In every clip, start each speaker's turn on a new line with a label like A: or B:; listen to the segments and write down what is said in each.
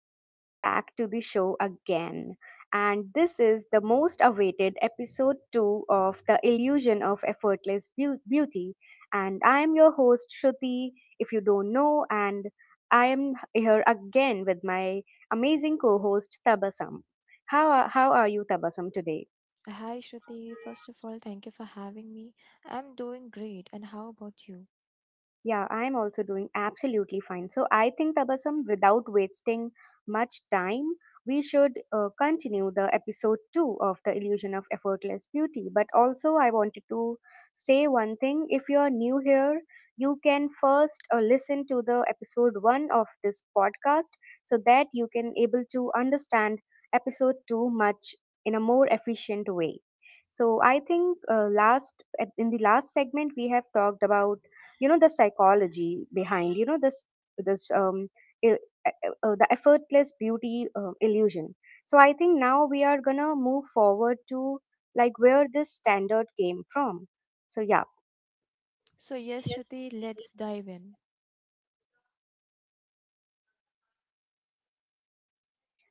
A: Welcome back to the show again. And this is the most awaited episode 2 of The Illusion of Effortless Beauty. And I am your host, Shruti, if you don't know. And I am here again with my amazing co host, Tabasam. How are you, Tabasam, today?
B: Hi, Shruti. First of all, thank you for having me. I'm doing great. And how about you?
A: Yeah, I'm also doing absolutely fine. So I think Tabasam, without wasting much time, we should continue the episode two of the illusion of effortless beauty. But also, I wanted to say one thing. If you are new here, you can first listen to the episode one of this podcast so that you can able to understand episode two much in a more efficient way. So I think in the last segment we have talked about you know the psychology behind you know this um il- uh, the effortless beauty illusion. So I think now we are going to move forward to like where this standard came from, so yeah.
B: So, yes,
A: Yes.
B: Shruti, let's dive in.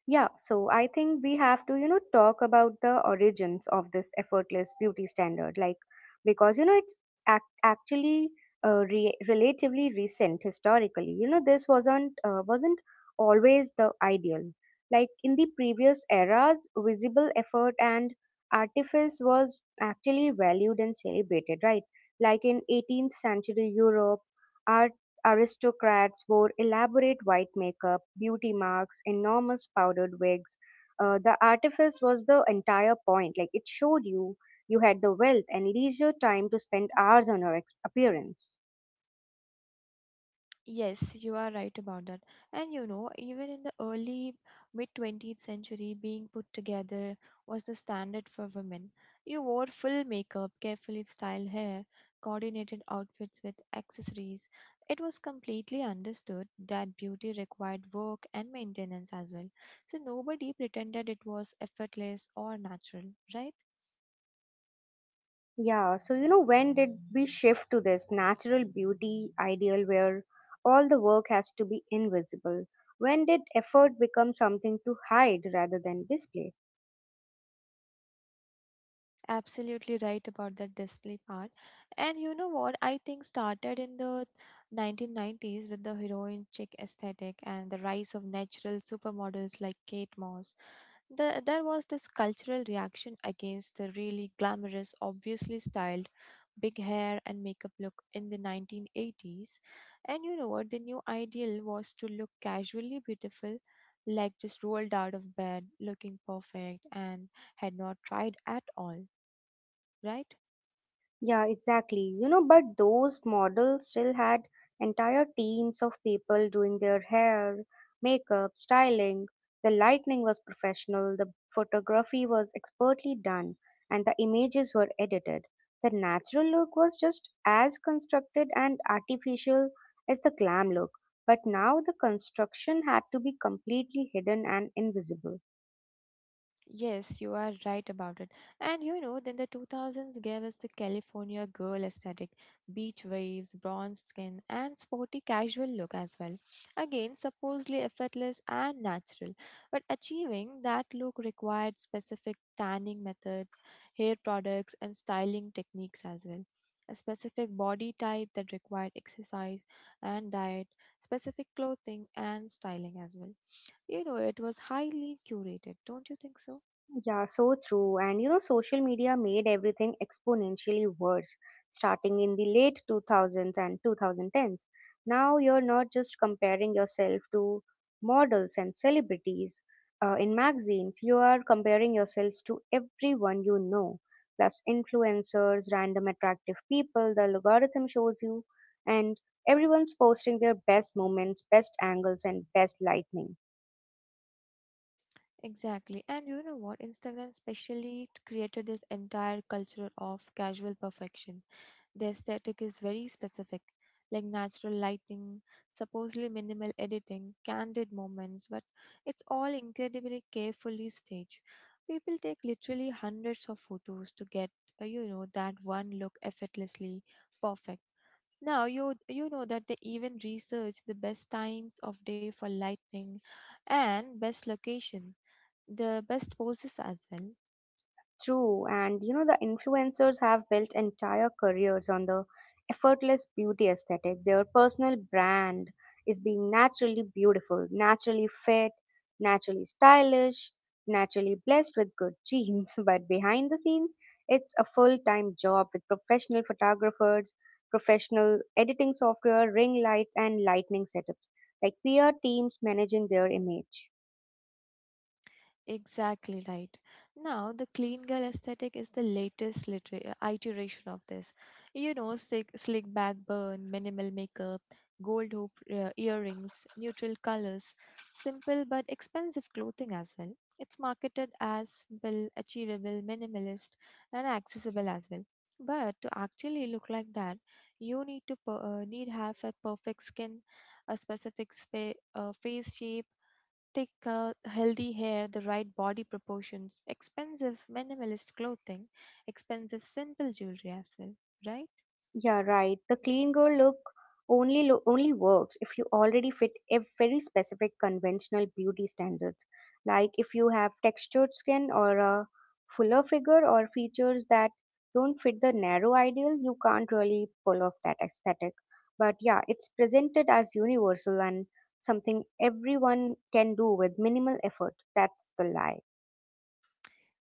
A: Yeah, so I think we have to, you know, talk about the origins of this effortless beauty standard, like because you know actually relatively recent historically. You know, this wasn't always the ideal. Like in the previous eras, visible effort and artifice was actually valued and celebrated, right? Like in 18th century Europe, aristocrats wore elaborate white makeup, beauty marks, enormous powdered wigs. The artifice was the entire point. Like it showed you you had the wealth and leisure time to spend hours on your appearance.
B: Yes, you are right about that. And you know, even in the early mid 20th century, being put together was the standard for women. You wore full makeup, carefully styled hair, coordinated outfits with accessories. It was completely understood that beauty required work and maintenance as well. So nobody pretended it was effortless or natural, right?
A: Yeah, so you know, when did we shift to this natural beauty ideal where all the work has to be invisible? When did effort become something to hide rather than display?
B: Absolutely right about that display part. And you know what? I think started in the 1990s with the heroin chic aesthetic and the rise of natural supermodels like Kate Moss. There was this cultural reaction against the really glamorous, obviously styled big hair and makeup look in the 1980s. And you know what? The new ideal was to look casually beautiful, like just rolled out of bed looking perfect and had not tried at all, right?
A: Yeah, exactly. You know, but those models still had entire teams of people doing their hair, makeup, styling. The lighting was professional, the photography was expertly done, and the images were edited. The natural look was just as constructed and artificial as the glam look, but now the construction had to be completely hidden and invisible.
B: Yes, you are right about it. And you know, then the 2000s gave us the California girl aesthetic: beach waves, bronzed skin, and sporty casual look as well. Again, supposedly effortless and natural. But achieving that look required specific tanning methods, hair products, and styling techniques as well. A specific body type that required exercise and diet, specific clothing and styling as well. You know, it was highly curated, don't you think so?
A: Yeah, so true. And you know, social media made everything exponentially worse, starting in the late 2000s and 2010s. Now you're not just comparing yourself to models and celebrities in magazines, you are comparing yourselves to everyone you know, plus influencers, random attractive people the algorithm shows you, and everyone's posting their best moments, best angles, and best lightning.
B: Exactly. And you know what? Instagram specially created this entire culture of casual perfection. The aesthetic is very specific, like natural lighting, supposedly minimal editing, candid moments, but it's all incredibly carefully staged. People take literally hundreds of photos to get, you know, that one look effortlessly perfect. Now you know that they even research the best times of day for lightning and best location, the best poses as well.
A: True, and you know, the influencers have built entire careers on the effortless beauty aesthetic. Their personal brand is being naturally beautiful, naturally fit, naturally stylish, naturally blessed with good genes. But behind the scenes, it's a full time job with professional photographers, professional editing software, ring lights, and lightning setups, like PR teams managing their image.
B: Exactly right. Now, the clean girl aesthetic is the latest iteration of this. You know, slick back burn, minimal makeup, gold hoop earrings, neutral colors, simple but expensive clothing as well. It's marketed as simple, achievable, minimalist, and accessible as well. But to actually look like that, you need to need have a perfect skin, a specific face shape, thick, healthy hair, the right body proportions, expensive minimalist clothing, expensive simple jewelry as well, right?
A: Yeah, right. The clean girl look only works if you already fit a very specific conventional beauty standards. Like if you have textured skin or a fuller figure or features that don't fit the narrow ideal, you can't really pull off that aesthetic. But yeah, it's presented as universal and something everyone can do with minimal effort. That's the lie.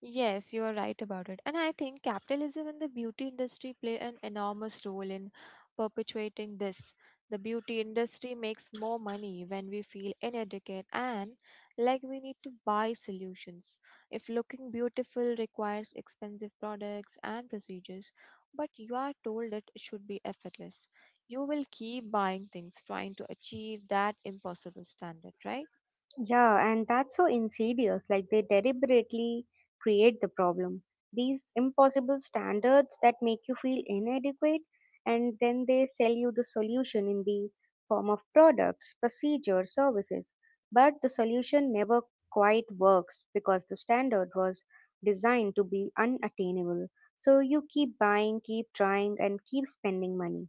B: Yes, you are right about it. And I think capitalism and the beauty industry play an enormous role in perpetuating this. The beauty industry makes more money when we feel inadequate and like we need to buy solutions. If looking beautiful requires expensive products and procedures, but you are told it should be effortless, you will keep buying things trying to achieve that impossible standard, right?
A: Yeah, and that's so insidious. Like they deliberately create the problem. These impossible standards that make you feel inadequate, and then they sell you the solution in the form of products, procedures, services. But the solution never quite works because the standard was designed to be unattainable. So you keep buying, keep trying, and keep spending money.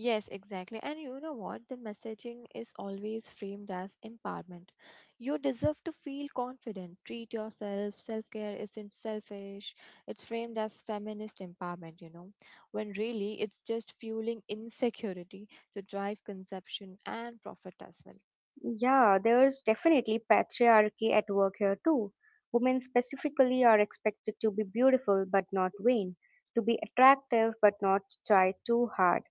B: Yes, exactly. And you know what? The messaging is always framed as empowerment. You deserve to feel confident. Treat yourself. Self care isn't selfish. It's framed as feminist empowerment, you know, when really it's just fueling insecurity to drive consumption and profit as well.
A: Yeah, there's definitely patriarchy at work here too. Women specifically are expected to be beautiful but not vain, to be attractive but not try too hard,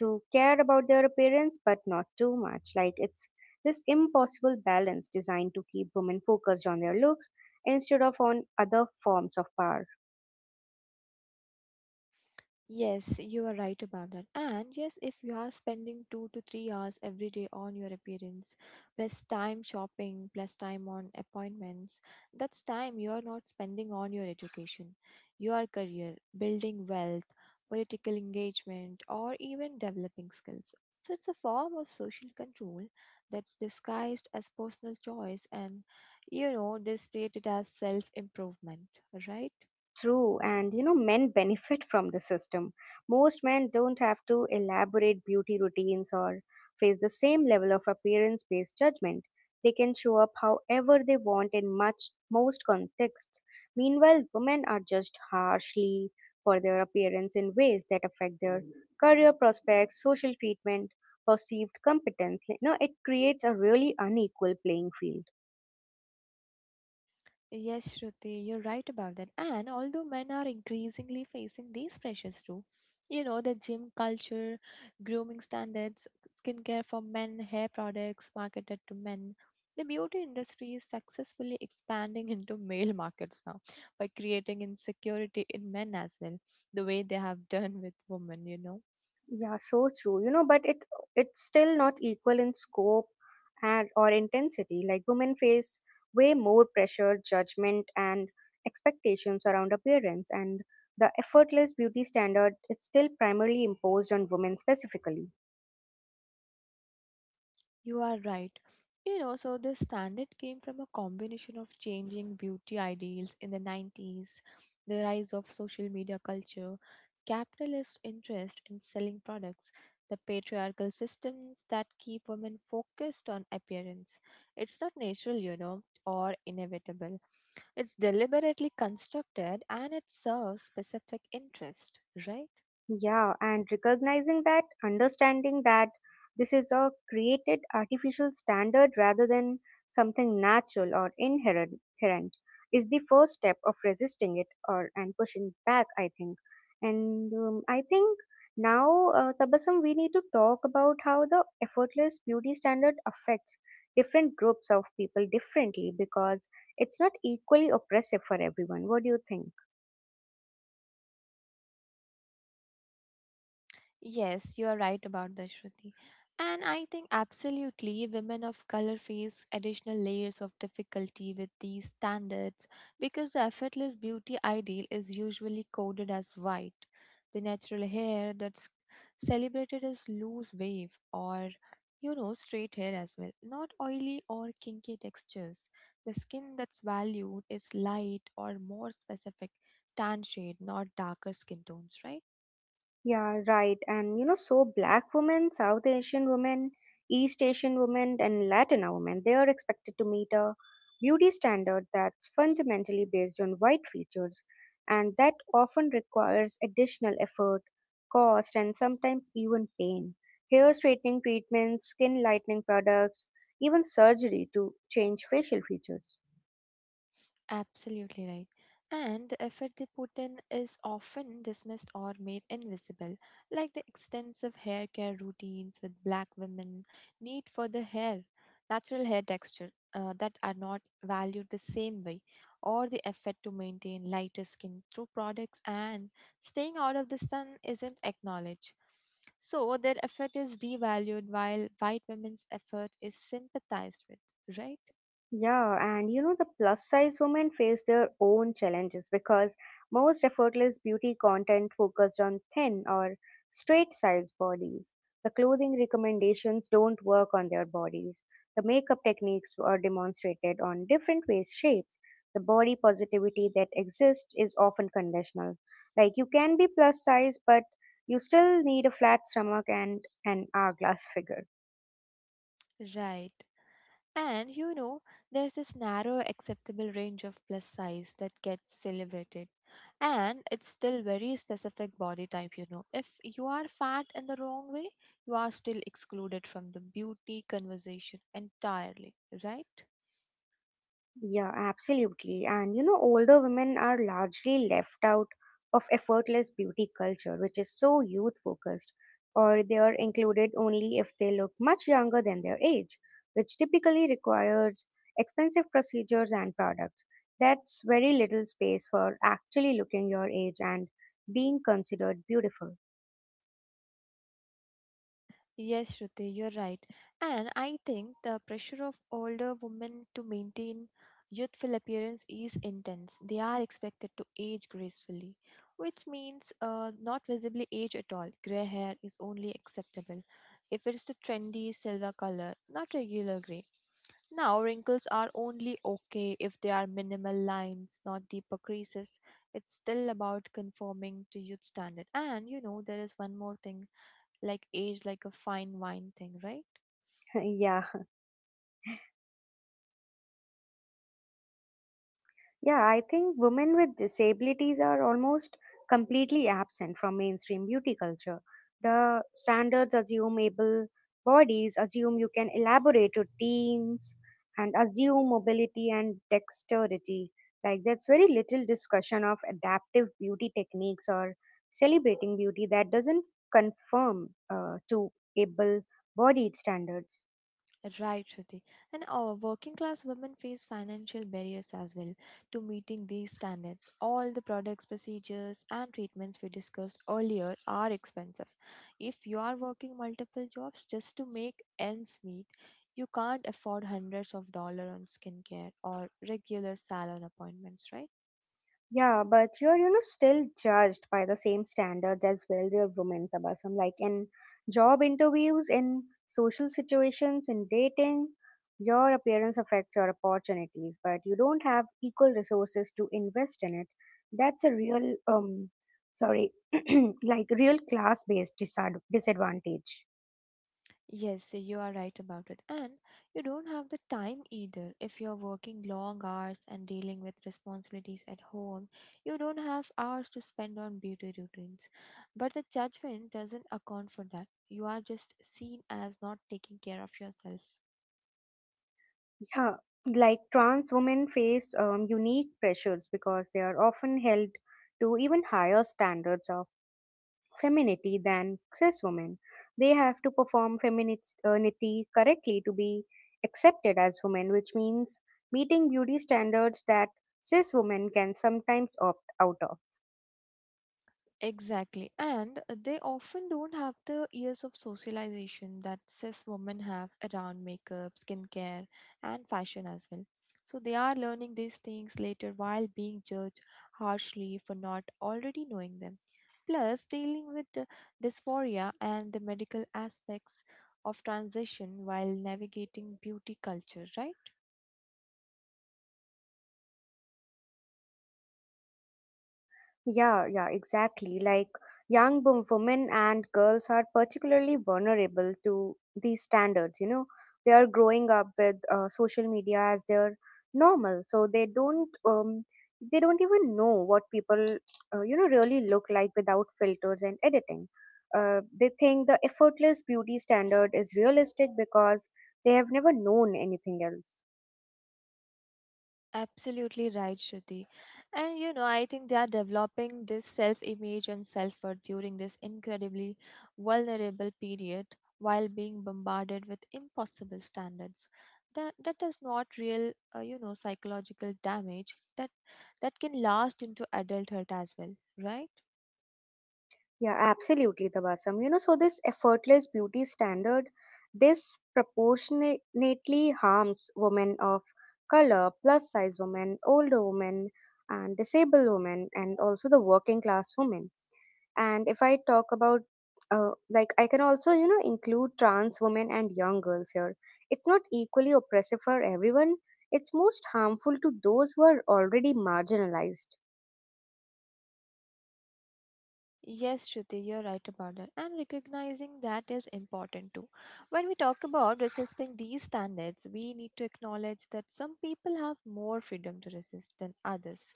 A: to care about their appearance but not too much. Like it's this impossible balance designed to keep women focused on their looks instead of on other forms of power.
B: Yes, you are right about that. And yes, if you are spending 2 to 3 hours every day on your appearance, plus time shopping, plus time on appointments, that's time you are not spending on your education, your career, building wealth, political engagement, or even developing skills. So it's a form of social control that's disguised as personal choice, and you know, they state it as self improvement, right?
A: True, and you know, men benefit from the system. Most men don't have to elaborate beauty routines or face the same level of appearance based judgment. They can show up however they want in much most contexts. Meanwhile, women are judged harshly for their appearance in ways that affect their career prospects, social treatment, perceived competence. You know, it creates a really unequal playing field.
B: Yes, Shruti, you're right about that. And although men are increasingly facing these pressures too, you know, the gym culture, grooming standards, skincare for men, hair products marketed to men, the beauty industry is successfully expanding into male markets now by creating insecurity in men as well, the way they have done with women, you know.
A: Yeah, so true. You know, but it's still not equal in scope and or intensity. Like women face way more pressure, judgment, and expectations around appearance, and the effortless beauty standard is still primarily imposed on women specifically.
B: You are right. You know, so this standard came from a combination of changing beauty ideals in the 90s, the rise of social media culture, capitalist interest in selling products, the patriarchal systems that keep women focused on appearance. It's not natural, you know, or inevitable. It's deliberately constructed and it serves specific interest, right?
A: Yeah, and recognizing that, understanding that this is a created artificial standard rather than something natural or inherent is the first step of resisting it or and pushing back, I think. And I think now, Tabassum, we need to talk about how the effortless beauty standard affects different groups of people differently because it's not equally oppressive for everyone. What do you think?
B: Yes, you are right about this, Shruti. And I think absolutely women of color face additional layers of difficulty with these standards because the effortless beauty ideal is usually coded as white. The natural hair that's celebrated as loose wave or you know straight hair as well, not oily or kinky textures. The skin that's valued is light or more specific tan shade, not darker skin tones, right?
A: Yeah, right. And you know, so black women, South Asian women, East Asian women, and Latina women, they are expected to meet a beauty standard that's fundamentally based on white features, and that often requires additional effort, cost, and sometimes even pain. Hair straightening treatments, skin lightening products, even surgery to change facial features.
B: Absolutely right. And the effort they put in is often dismissed or made invisible, like the extensive hair care routines with black women, need for the hair, natural hair texture that are not valued the same way, or the effort to maintain lighter skin through products and staying out of the sun isn't acknowledged. So their effort is devalued while white women's effort is sympathized with, right?
A: Yeah, and you know, the plus size women face their own challenges because most effortless beauty content focused on thin or straight size bodies. The clothing recommendations don't work on their bodies. The makeup techniques are demonstrated on different waist shapes. The body positivity that exists is often conditional. Like, you can be plus size, but you still need a flat stomach and an hourglass figure.
B: Right. And you know, there's this narrow acceptable range of plus size that gets celebrated. And it's still very specific body type, you know. If you are fat in the wrong way, you are still excluded from the beauty conversation entirely, right?
A: Yeah, absolutely. And you know, older women are largely left out of effortless beauty culture, which is so youth focused, or they are included only if they look much younger than their age, which typically requires expensive procedures and products. That's very little space for actually looking your age and being considered beautiful.
B: Yes, Shruti, you're right. And I think the pressure of older women to maintain youthful appearance is intense. They are expected to age gracefully, which means not visibly age at all. Gray hair is only acceptable if it's the trendy silver color, not regular gray. Now, wrinkles are only okay if they are minimal lines, not deeper creases. It's still about conforming to youth standard. And you know, there is one more thing like aged like a fine wine thing, right?
A: Yeah. Yeah, I think women with disabilities are almost completely absent from mainstream beauty culture. The standards assume able bodies, assume you can elaborate routines, and assume mobility and dexterity. Like, that's very little discussion of adaptive beauty techniques or celebrating beauty that doesn't conform to able bodied standards.
B: Right, Shruti. And our working class women face financial barriers as well to meeting these standards. All the products, procedures, and treatments we discussed earlier are expensive. If you are working multiple jobs just to make ends meet, you can't afford hundreds of dollars on skincare or regular salon appointments, right?
A: Yeah, but you're, you know, still judged by the same standards as well the women Tabasum, like in job interviews, in social situations, in dating, your appearance affects your opportunities, but you don't have equal resources to invest in it. That's a real, sorry, like real class-based disadvantage.
B: Yes, so you are right about it. And you don't have the time either. If you're working long hours and dealing with responsibilities at home, you don't have hours to spend on beauty routines. But the judgment doesn't account for that. You are just seen as not taking care of yourself.
A: Yeah, like trans women face unique pressures because they are often held to even higher standards of femininity than cis women. They have to perform femininity correctly to be accepted as women, which means meeting beauty standards that cis women can sometimes opt out of.
B: Exactly. And they often don't have the years of socialization that cis women have around makeup, skincare, and fashion as well. So they are learning these things later while being judged harshly for not already knowing them. Plus, dealing with the dysphoria and the medical aspects of transition while navigating beauty culture, right?
A: Yeah, yeah, exactly. Like young women and girls are particularly vulnerable to these standards. You know, they are growing up with social media as their normal, so they don't even know what people you know really look like without filters and editing. They think the effortless beauty standard is realistic because they have never known anything else.
B: Absolutely right, Shruti. And you know, I think they are developing this self image and self worth during this incredibly vulnerable period while being bombarded with impossible standards. That does not real, you know, psychological damage that can last into adulthood as well, right?
A: Yeah, absolutely, Tabasam. You know, so this effortless beauty standard disproportionately harms women of color, plus size women, older women, and disabled women, and also the working class women. And if I talk about, like, I can also, you know, include trans women and young girls here. It's not equally oppressive for everyone, it's most harmful to those who are already marginalized.
B: Yes, Shruti, you're right about that. And recognizing that is important too. When we talk about resisting these standards, we need to acknowledge that some people have more freedom to resist than others.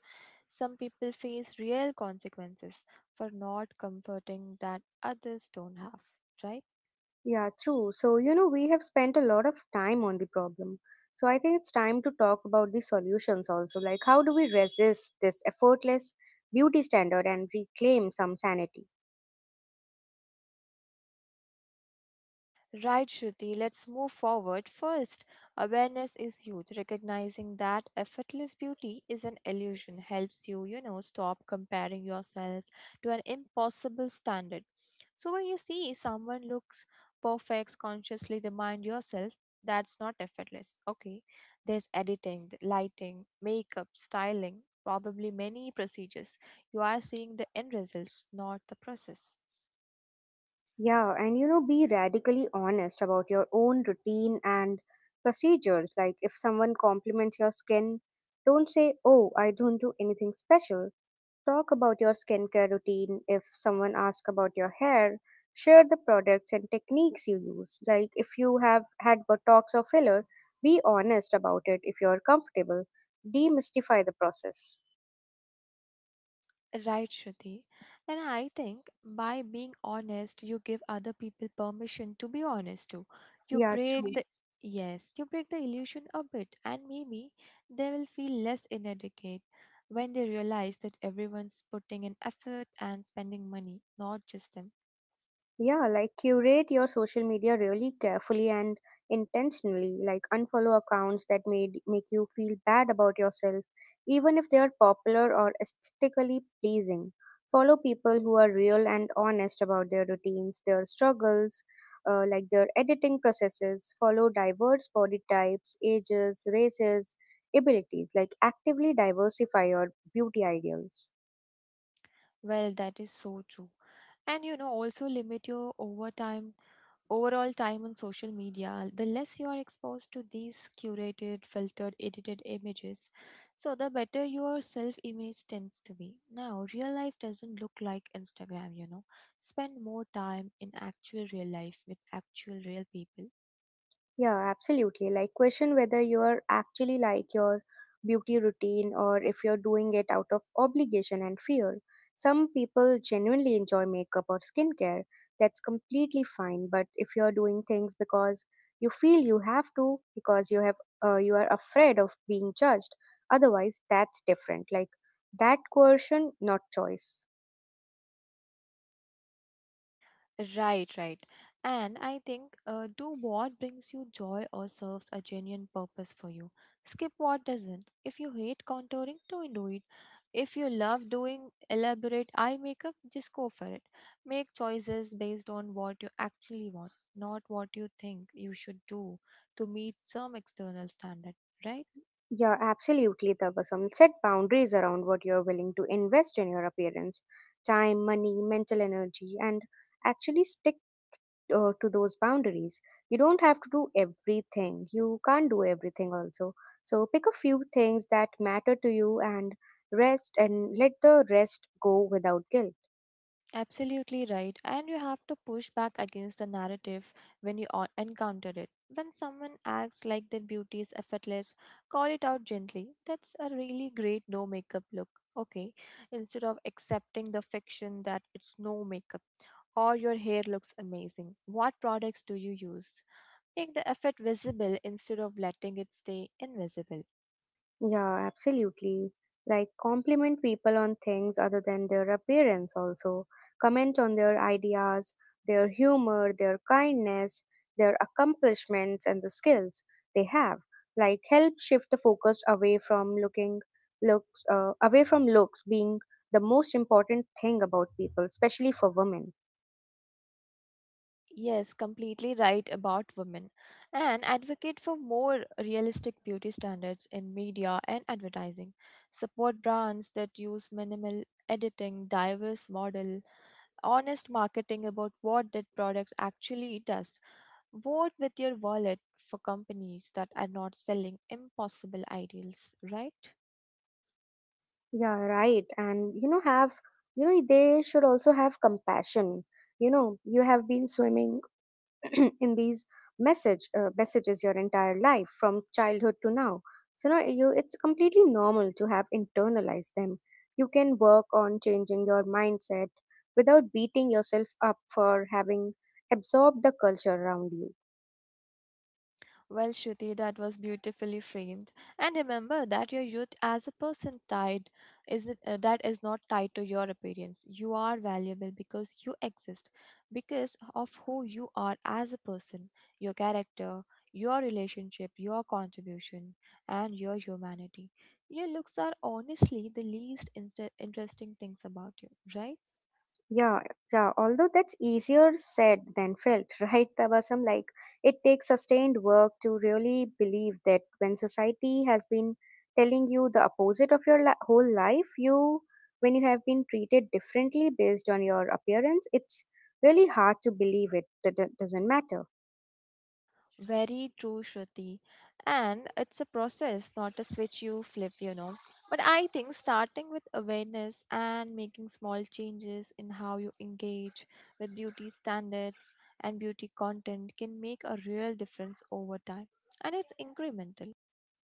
B: Some people face real consequences for not comforting that others don't have, right?
A: Yeah, true. So, you know, we have spent a lot of time on the problem. So, I think it's time to talk about the solutions also. Like, how do we resist this effortless beauty standard and reclaim some sanity?
B: Right, Shruti, let's move forward. First, awareness is huge. Recognizing that effortless beauty is an illusion helps you, you know, stop comparing yourself to an impossible standard. So when you see someone looks perfect, consciously remind yourself that's not effortless. Okay, there's editing, lighting, makeup, styling, probably many procedures. You are seeing the end results, not the process.
A: Yeah, and you know, be radically honest about your own routine and procedures. Like, if someone compliments your skin, don't say, "Oh, I don't do anything special." Talk about your skincare routine. If someone asks about your hair, share the products and techniques you use. Like if you have had Botox or filler, be honest about it if you're comfortable. Demystify the process.
B: Right, Shruti. And I think by being honest, you give other people permission to be honest too. You
A: Yeah,
B: break
A: true.
B: the, yes, you break the illusion a bit, and maybe they will feel less inadequate when they realize that everyone's putting in effort and spending money, not just them.
A: Yeah, like curate your social media really carefully and intentionally. Like unfollow accounts that made make you feel bad about yourself, even if they are popular or aesthetically pleasing. Follow people who are real and honest about their routines, their struggles, like their editing processes. Follow diverse body types, ages, races, abilities. Like actively diversify your beauty ideals.
B: Well, that is so true. And you know, also limit your overtime overall time on social media. The less you are exposed to these curated, filtered, edited images, so the better your self image tends to be. Now, real life doesn't look like Instagram, you know. Spend more time in actual real life with actual real people.
A: Yeah, absolutely. Like question whether you're actually like your beauty routine or if you're doing it out of obligation and fear. Some people genuinely enjoy makeup or skincare. That's completely fine. But if you're doing things because you feel you have to, because you are afraid of being judged, otherwise that's different. Like that coercion, not choice.
B: Right, right. And I think do what brings you joy or serves a genuine purpose for you. Skip what doesn't. If you hate contouring, don't do it. If you love doing elaborate eye makeup, just go for it. Make choices based on what you actually want, not what you think you should do to meet some external standard, right?
A: You're absolutely troublesome. Set boundaries around what you're willing to invest in your appearance: time, money, mental energy, and actually stick to those boundaries. You don't have to do everything. You can't do everything also. So pick a few things that matter to you and rest and let the rest go without guilt.
B: Absolutely right. And you have to push back against the narrative when you encounter it. When someone acts like their beauty is effortless, call it out gently. That's a really great no makeup look. Okay. Instead of accepting the fiction that it's no makeup, or your hair looks amazing, what products do you use? Make the effort visible instead of letting it stay invisible.
A: Yeah, absolutely. Like, compliment people on things other than their appearance, also. Comment on their ideas, their humor, their kindness, their accomplishments, and the skills they have. Like, help shift the focus away from looking looks, away from looks being the most important thing about people, especially for women.
B: Yes, completely right about women, and advocate for more realistic beauty standards in media and advertising. Support brands that use minimal editing, diverse model, honest marketing about what that product actually does. Vote with your wallet for companies that are not selling impossible ideals, right?
A: Yeah, right. And, you know, have, you know, they should also have compassion. You know, you have been swimming in these messages your entire life from childhood to now, so now you it's completely normal to have internalized them. You can work on changing your mindset without beating yourself up for having absorbed the culture around you.
B: Well, Shruti, that was beautifully framed. And remember that your youth as a person tied that is not tied to your appearance. You are valuable because you exist, because of who you are as a person, your character, your relationship, your contribution, and your humanity. Your looks are honestly the least interesting things about you, right?
A: Yeah, yeah. Although that's easier said than felt, right, Tabasam? Like, it takes sustained work to really believe that when society has been telling you the opposite whole life, you, when you have been treated differently based on your appearance, it's really hard to believe it. That doesn't matter.
B: Very true, Shruti. And it's a process, not a switch you flip, you know. But I think starting with awareness and making small changes in how you engage with beauty standards and beauty content can make a real difference over time. And it's incremental.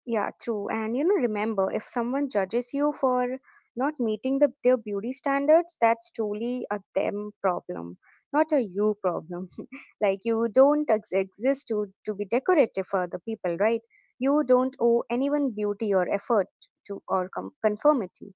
A: Yeah, true. And you know, remember, if someone judges you for not meeting their beauty standards, that's truly a them problem, not a you problem. Like, you don't ex- exist to be decorative for the people, right? You don't owe anyone beauty or effort to or com- conformity.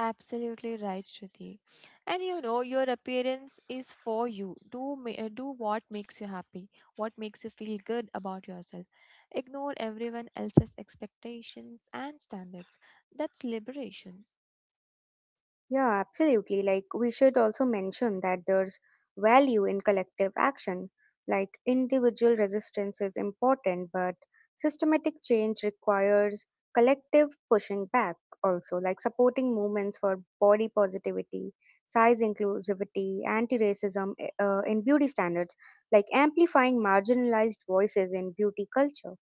B: Absolutely right, Shruti. And you know, your appearance is for you. Do what makes you happy, what makes you feel good about yourself. Ignore everyone else's expectations and standards. That's liberation.
A: Yeah, absolutely. Like, we should also mention that there's value in collective action. Like, individual resistance is important, but systematic change requires collective pushing back also, like supporting movements for body positivity, size inclusivity, anti racism, in beauty standards, like amplifying marginalized voices in beauty culture.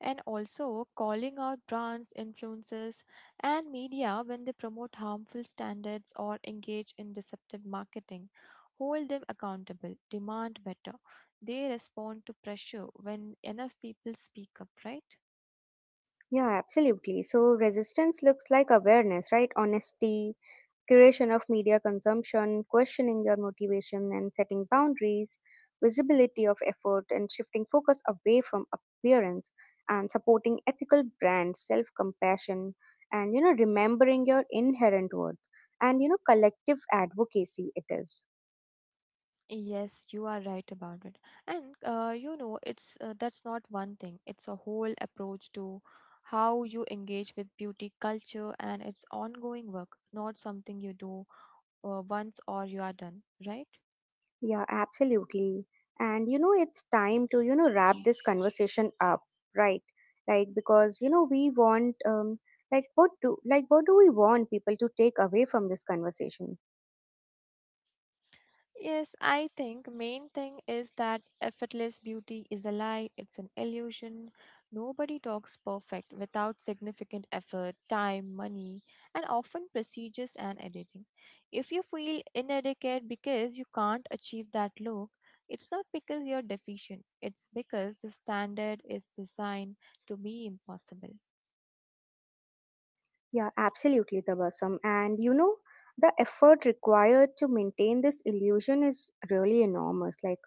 B: And also, calling out brands, influencers, and media when they promote harmful standards or engage in deceptive marketing. Hold them accountable. Demand better. They respond to pressure when enough people speak up, right?
A: Yeah, absolutely. So, resistance looks like awareness, right? Honesty, curation of media consumption, questioning your motivation and setting boundaries, visibility of effort and shifting focus away from appearance and supporting ethical brands, self-compassion, and, you know, remembering your inherent worth, and, you know, collective advocacy it is.
B: Yes, you are right about it. And you know, it's that's not one thing. It's a whole approach to how you engage with beauty culture and its ongoing work, not something you do once or you are done, right?
A: Yeah, absolutely. And you know it's time to, you know, wrap this conversation up, right? Like, because you know we want like what do we want people to take away from this conversation?
B: Yes, I think main thing is that effortless beauty is a lie, it's an illusion. Nobody talks perfect without significant effort, time, money, and often procedures and editing. If you feel inadequate because you can't achieve that look, it's not because you're deficient, it's because the standard is designed to be impossible.
A: Yeah, absolutely, Tabasum. And you know, the effort required to maintain this illusion is really enormous, like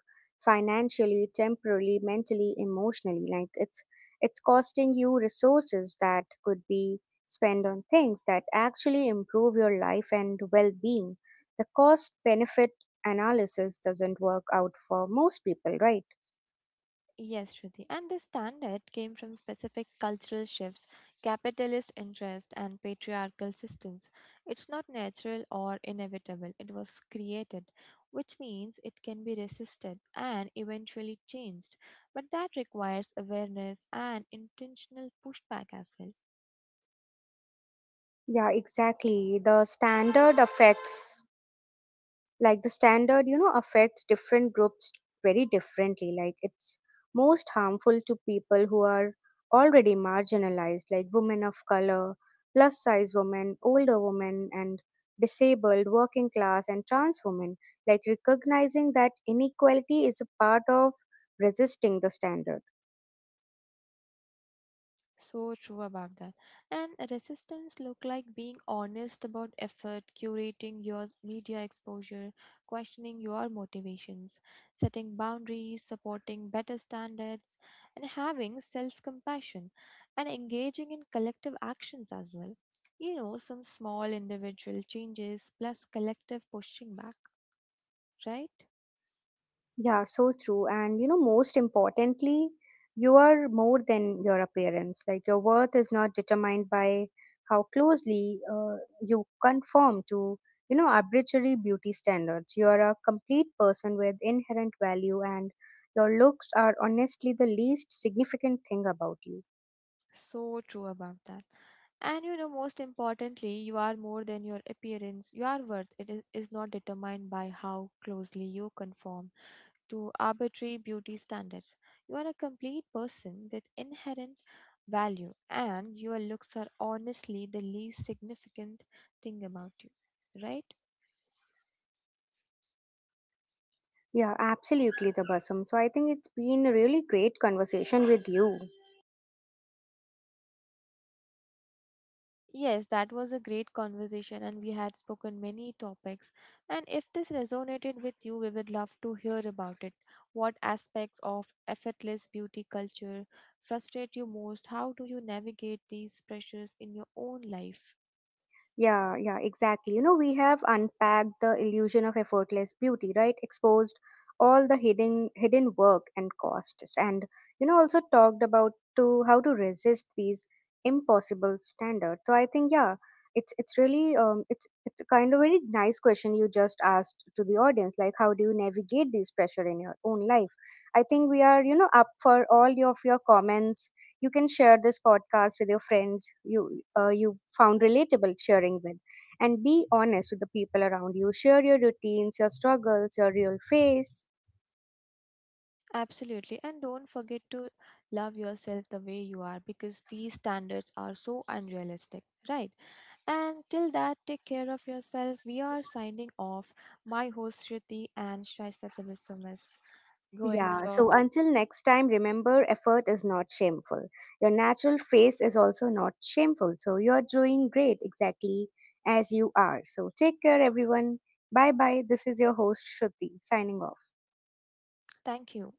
A: financially, temporally, mentally, emotionally. Like, it's costing you resources that could be spent on things that actually improve your life and well-being. The cost benefit analysis doesn't work out for most people, right?
B: Yes, Shruti. And this standard came from specific cultural shifts, capitalist interest, and patriarchal systems. It's not natural or inevitable, it was created, which means it can be resisted and eventually changed. But that requires awareness and intentional pushback as well.
A: Yeah, exactly. The standard affects, like the standard you know affects different groups very differently. Like, it's most harmful to people who are already marginalized, like women of color, plus size women, older women, and disabled, working class, and trans women. Like, recognizing that inequality is a part of resisting the standard.
B: So true about that. And resistance look like being honest about effort, curating your media exposure, questioning your motivations, setting boundaries, supporting better standards, and having self-compassion and engaging in collective actions as well. You know, some small individual changes plus collective pushing back, right?
A: Yeah, so true. And you know, most importantly, you are more than your appearance. Like, your worth is not determined by how closely you conform to, you know, arbitrary beauty standards. You are a complete person with inherent value, and your looks are honestly the least significant thing about you.
B: So true about that. And you know, most importantly, you are more than your appearance. Your worth is not determined by how closely you conform to arbitrary beauty standards. You are a complete person with inherent value, and your looks are honestly the least significant thing about you, right?
A: Yeah, absolutely, the Tabasum. So I think it's been a really great conversation with you.
B: Yes, that was a great conversation, and we had spoken many topics. And if this resonated with you, we would love to hear about it. What aspects of effortless beauty culture frustrate you most? How do you navigate these pressures in your own life?
A: Yeah, yeah, exactly. You know, we have unpacked the illusion of effortless beauty, right? Exposed all the hidden work and costs, and you know, also talked about to how to resist these impossible standards. So I think, yeah, it's really it's a kind of very nice question you just asked to the audience, like how do you navigate these pressure in your own life? I think we are, you know, up for all your- of your comments. You can share this podcast with your friends you you found relatable, sharing with, and be honest with the people around you. Share your routines, your struggles, your real face.
B: Absolutely, and don't forget to love yourself the way you are because these standards are so unrealistic, right? And till that, take care of yourself. We are signing off. My host Shruti and Shaista Tebessumis. Going
A: Yeah,
B: for
A: so until next time, remember, effort is not shameful, your natural face is also not shameful, so you're doing great, exactly as you are, so take care, everyone. Bye bye. This is your host Shruti, signing off.
B: thank you